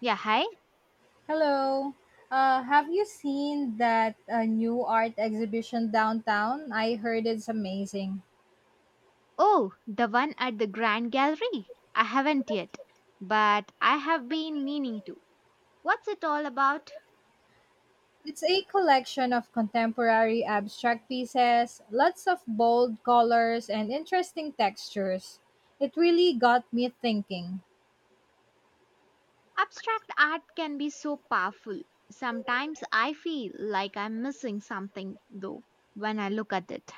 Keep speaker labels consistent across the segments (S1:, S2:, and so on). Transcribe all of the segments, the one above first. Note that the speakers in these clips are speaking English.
S1: Yeah, hi.
S2: Hello. Have you seen that new art exhibition downtown? I heard it's amazing.
S1: Oh, the one at the Grand Gallery. I haven't yet, but I have been meaning to. What's it all about?
S2: It's a collection of contemporary abstract pieces, lots of bold colors and interesting textures. It really got me thinking.
S1: Abstract art can be so powerful. Sometimes I feel like I'm missing something, though, when I look at it.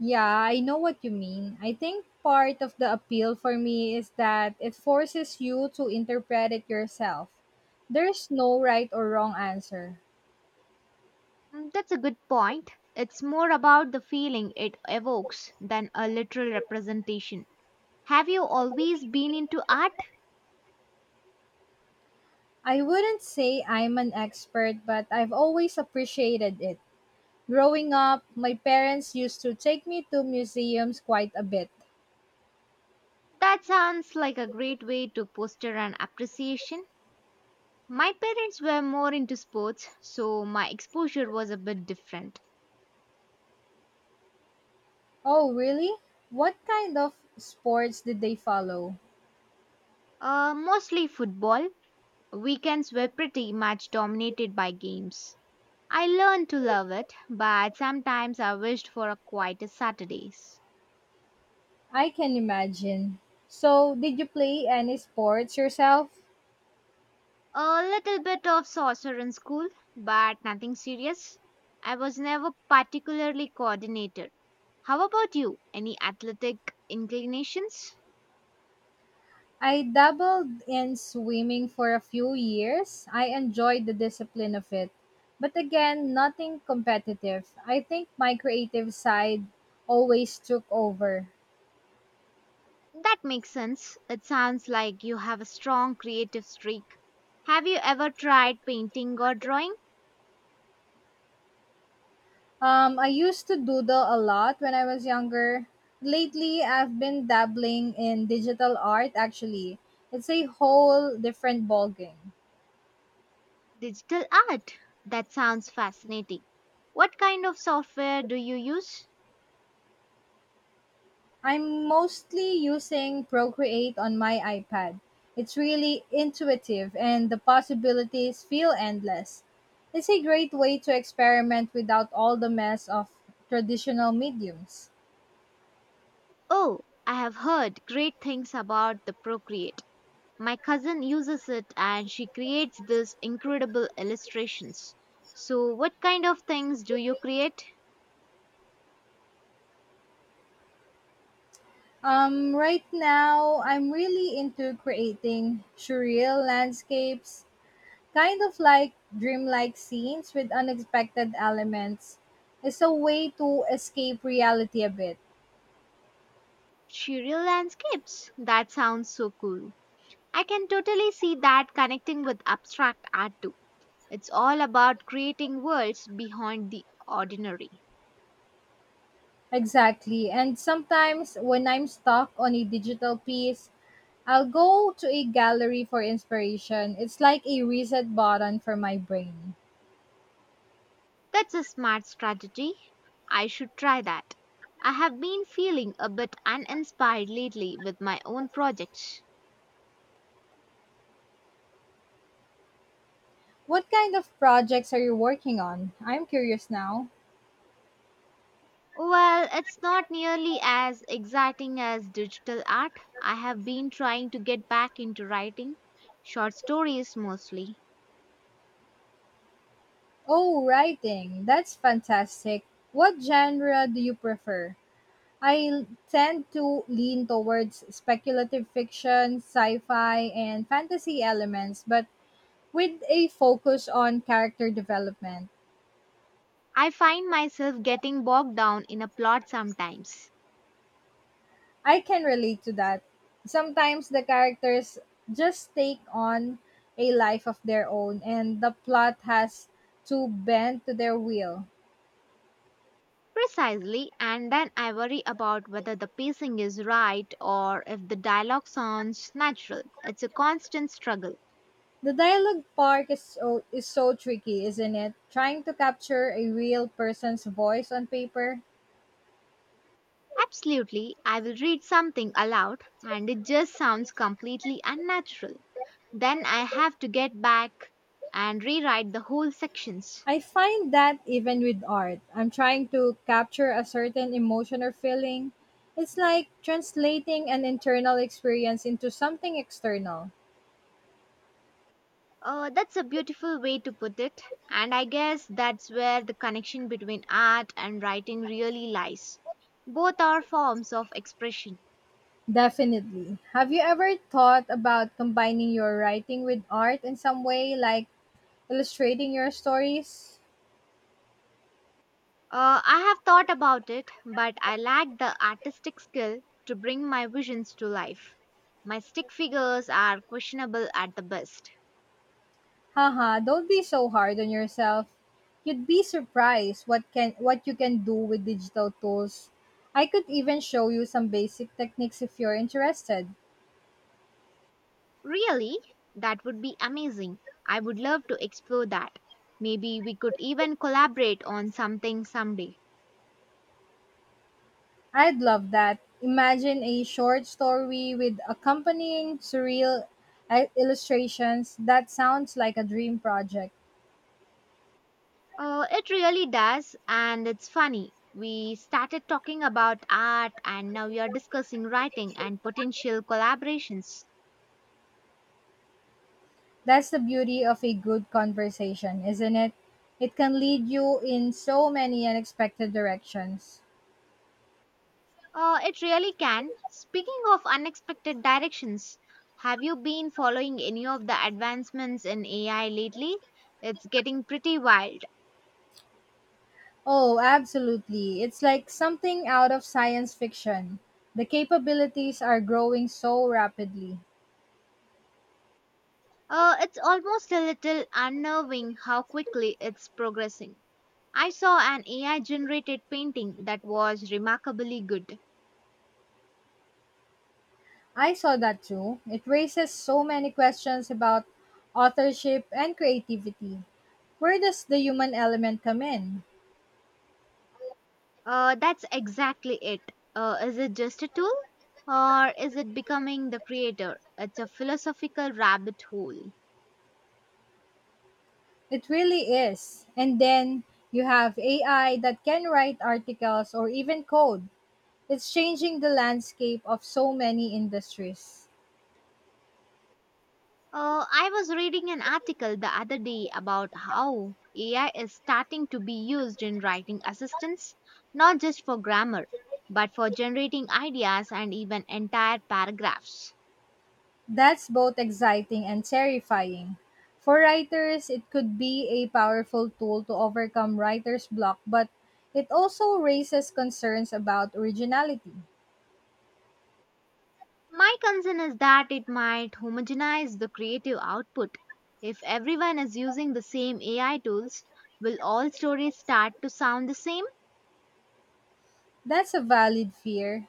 S2: Yeah, I know what you mean. I think part of the appeal for me is that it forces you to interpret it yourself. There's no right or wrong answer.
S1: Mm, that's a good point. It's more about the feeling it evokes than a literal representation. Have you always been into art?
S2: I wouldn't say I'm an expert, but I've always appreciated it. Growing up, my parents used to take me to museums quite a bit.
S1: That sounds like a great way to foster an appreciation. My parents were more into sports, so my exposure was a bit different.
S2: Oh, really? What kind of sports did they follow?
S1: Mostly football. Weekends were pretty much dominated by games. I learned to love it, but sometimes I wished for a quieter Saturdays.
S2: I can imagine. So, did you play any sports yourself?
S1: A little bit of soccer in school, but nothing serious. I was never particularly coordinated. How about you? Any athletic inclinations?
S2: I dabbled in swimming for a few years. I enjoyed the discipline of it. But again, nothing competitive. I think my creative side always took over.
S1: That makes sense. It sounds like you have a strong creative streak. Have you ever tried painting or drawing?
S2: I used to doodle a lot when I was younger. Lately, I've been dabbling in digital art actually. It's a whole different ballgame.
S1: Digital art. That sounds fascinating. What kind of software do you use?
S2: I'm mostly using Procreate on my iPad. It's really intuitive and the possibilities feel endless. It's a great way to experiment without all the mess of traditional mediums.
S1: Oh, I have heard great things about the Procreate. My cousin uses it and she creates these incredible illustrations. So, what kind of things do you create?
S2: Right now, I'm really into creating surreal landscapes, kind of like dreamlike scenes with unexpected elements, is a way to escape reality a bit.
S1: Surreal landscapes. That sounds so cool. I can totally see that connecting with abstract art too. It's all about creating worlds beyond the ordinary.
S2: Exactly. And sometimes when I'm stuck on a digital piece, I'll go to a gallery for inspiration. It's like a reset button for my brain.
S1: That's a smart strategy. I should try that. I have been feeling a bit uninspired lately with my own projects.
S2: What kind of projects are you working on? I'm curious now.
S1: Well, it's not nearly as exciting as digital art. I have been trying to get back into writing, short stories mostly.
S2: Oh, writing. That's fantastic. What genre do you prefer? I tend to lean towards speculative fiction, sci fi, and fantasy elements, but with a focus on character development.
S1: I find myself getting bogged down in a plot sometimes.
S2: I can relate to that. Sometimes the characters just take on a life of their own, and the plot has to bend to their will.
S1: Precisely, and then I worry about whether the pacing is right or if the dialogue sounds natural. It's a constant struggle.
S2: The dialogue part is so tricky, isn't it? Trying to capture a real person's voice on paper.
S1: Absolutely, I will read something aloud and it just sounds completely unnatural. Then I have to get back and rewrite the whole sections.
S2: I find that even with art, I'm trying to capture a certain emotion or feeling. It's like translating an internal experience into something external.
S1: That's a beautiful way to put it, and I guess that's where the connection between art and writing really lies. Both are forms of expression.
S2: Definitely. Have you ever thought about combining your writing with art in some way, like illustrating your stories?
S1: I have thought about it, but I lack the artistic skill to bring my visions to life. My stick figures are questionable at the best.
S2: Haha, don't be so hard on yourself. You'd be surprised what you can do with digital tools. I could even show you some basic techniques if you're interested.
S1: Really? That would be amazing. I would love to explore that. Maybe we could even collaborate on something someday.
S2: I'd love that. Imagine a short story with accompanying surreal illustrations. That sounds like a dream project.
S1: It really does, and it's funny. We started talking about art, and now we are discussing writing and potential collaborations.
S2: That's the beauty of a good conversation, isn't it? It can lead you in so many unexpected directions.
S1: It really can. Speaking of unexpected directions, have you been following any of the advancements in AI lately? It's getting pretty wild.
S2: Oh, absolutely. It's like something out of science fiction. The capabilities are growing so rapidly.
S1: It's almost a little unnerving how quickly it's progressing. I saw an AI generated painting that was remarkably good.
S2: I saw that too. It raises so many questions about authorship and creativity. Where does the human element come in?
S1: That's exactly it. Is it just a tool? Or is it becoming the creator? It's a philosophical rabbit hole.
S2: It really is. And then you have AI that can write articles or even code. It's changing the landscape of so many industries.
S1: I was reading an article the other day about how AI is starting to be used in writing assistance, not just for grammar, but for generating ideas and even entire paragraphs.
S2: That's both exciting and terrifying. For writers, it could be a powerful tool to overcome writer's block, but it also raises concerns about originality.
S1: My concern is that it might homogenize the creative output. If everyone is using the same AI tools, will all stories start to sound the same?
S2: That's a valid fear.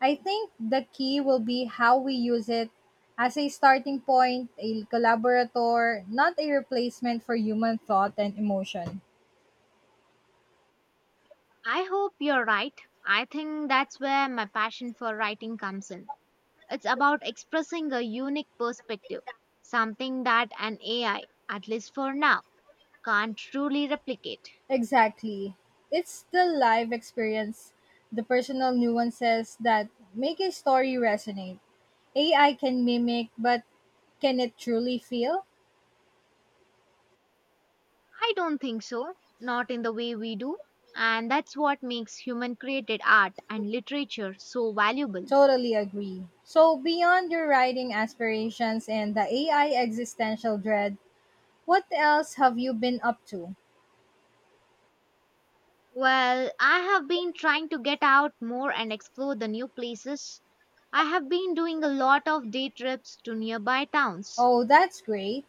S2: I think the key will be how we use it, as a starting point, a collaborator, not a replacement for human thought and emotion.
S1: I hope you're right. I think that's where my passion for writing comes in. It's about expressing a unique perspective, something that an AI, at least for now, can't truly replicate.
S2: Exactly. It's the live experience, the personal nuances that make a story resonate. AI can mimic, but can it truly feel?
S1: I don't think so, not in the way we do. And that's what makes human created art and literature so valuable.
S2: Totally agree. So, beyond your writing aspirations and the AI existential dread, what else have you been up to?
S1: Well, I have been trying to get out more and explore the new places. I have been doing a lot of day trips to nearby towns.
S2: Oh, that's great.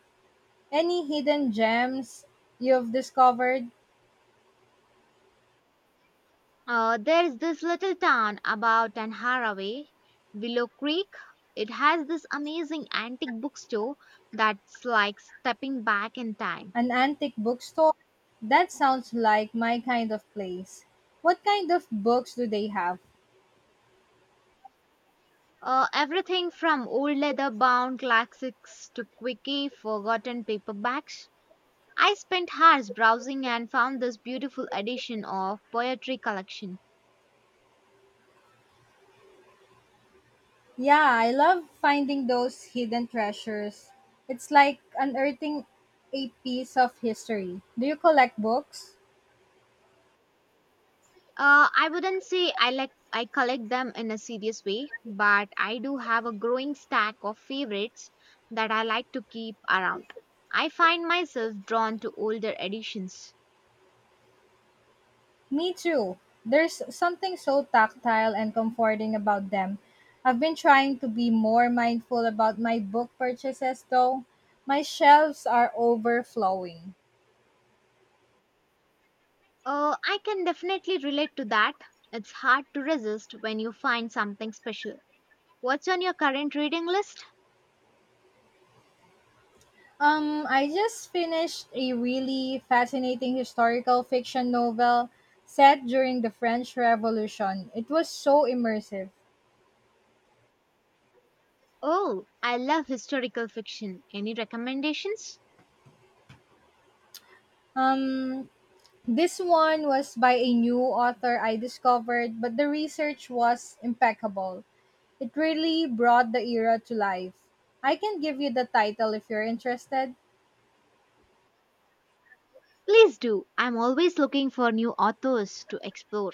S2: Any hidden gems you've discovered?
S1: There is this little town about an hour away, Willow Creek. It has this amazing antique bookstore that's like stepping back in time.
S2: An antique bookstore? That sounds like my kind of place. What kind of books do they have?
S1: Everything from old leather bound classics to quirky forgotten paperbacks. I spent hours browsing and found this beautiful edition of poetry collection.
S2: Yeah, I love finding those hidden treasures. It's like unearthing a piece of history. Do you collect books?
S1: I wouldn't say I collect them in a serious way, but I do have a growing stack of favorites that I like to keep around. I find myself drawn to older editions.
S2: Me too. There's something so tactile and comforting about them. I've been trying to be more mindful about my book purchases though. My shelves are overflowing.
S1: I can definitely relate to that. It's hard to resist when you find something special. What's on your current reading list?
S2: I just finished a really fascinating historical fiction novel set during the French Revolution. It was so immersive.
S1: Oh, I love historical fiction. Any recommendations?
S2: Um, this one was by a new author I discovered, but the research was impeccable. It really brought the era to life. I can give you the title if you're interested.
S1: Please do. I'm always looking for new authors to explore.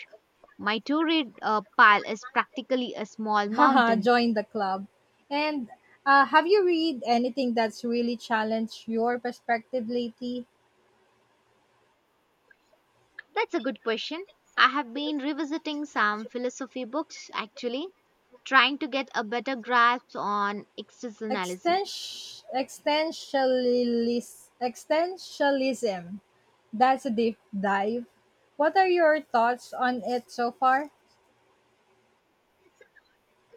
S1: My to read pile is practically a small
S2: Haha,
S1: mountain.
S2: join the club. And have you read anything that's really challenged your perspective lately?
S1: That's a good question. I have been revisiting some philosophy books actually, trying to get a better grasp on existentialism.
S2: Extensionalism. That's a deep dive. What are your thoughts on it so far?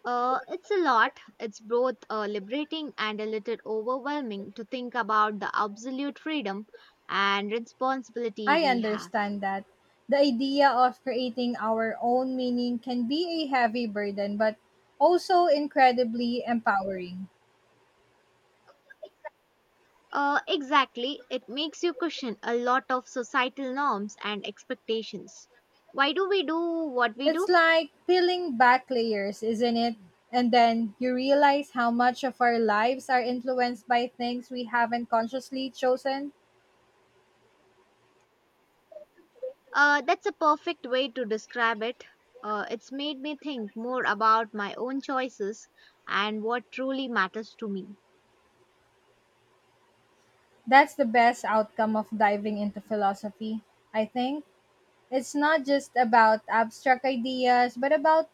S1: It's a lot. It's both liberating and a little overwhelming to think about the absolute freedom and responsibility
S2: I
S1: we have.
S2: understand that. The idea of creating our own meaning can be a heavy burden, but also incredibly empowering.
S1: Exactly. It makes you question a lot of societal norms and expectations. Why do we do what we
S2: It's
S1: do?
S2: like peeling back layers, isn't it? And then you realize how much of our lives are influenced by things we haven't consciously chosen.
S1: That's a perfect way to describe it. It's made me think more about my own choices and what truly matters to me.
S2: That's the best outcome of diving into philosophy, I think. It's not just about abstract ideas, but about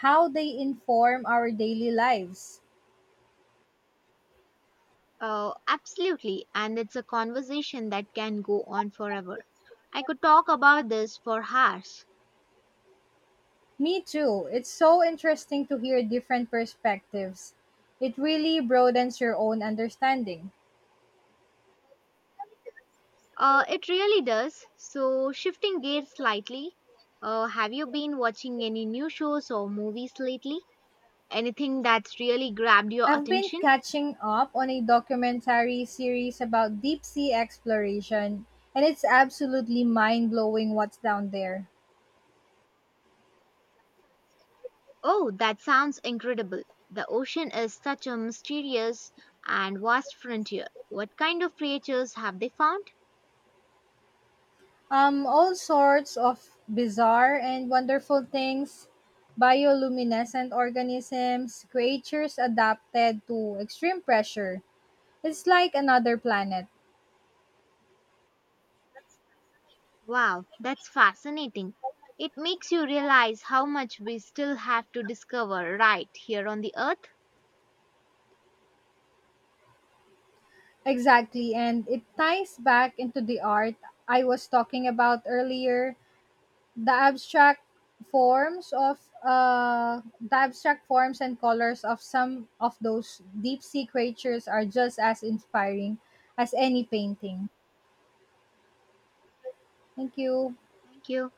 S2: how they inform our daily lives.
S1: Absolutely, and it's a conversation that can go on forever. I could talk about this for hours.
S2: Me too. It's so interesting to hear different perspectives. It really broadens your own understanding.
S1: It really does. So, shifting gears slightly, have you been watching any new shows or movies lately? Anything that's really grabbed your
S2: I've been
S1: attention?
S2: catching up on a documentary series about deep sea exploration, and it's absolutely mind blowing what's down there.
S1: Oh, that sounds incredible. The ocean is such a mysterious and vast frontier. What kind of creatures have they found?
S2: All sorts of bizarre and wonderful things, bioluminescent organisms, creatures adapted to extreme pressure. It's like another planet.
S1: Wow, that's fascinating. It makes you realize how much we still have to discover right here on the earth.
S2: Exactly, and it ties back into the art I was talking about earlier. The abstract forms of the abstract forms and colors of some of those deep sea creatures are just as inspiring as any painting. Thank you.
S1: Thank you.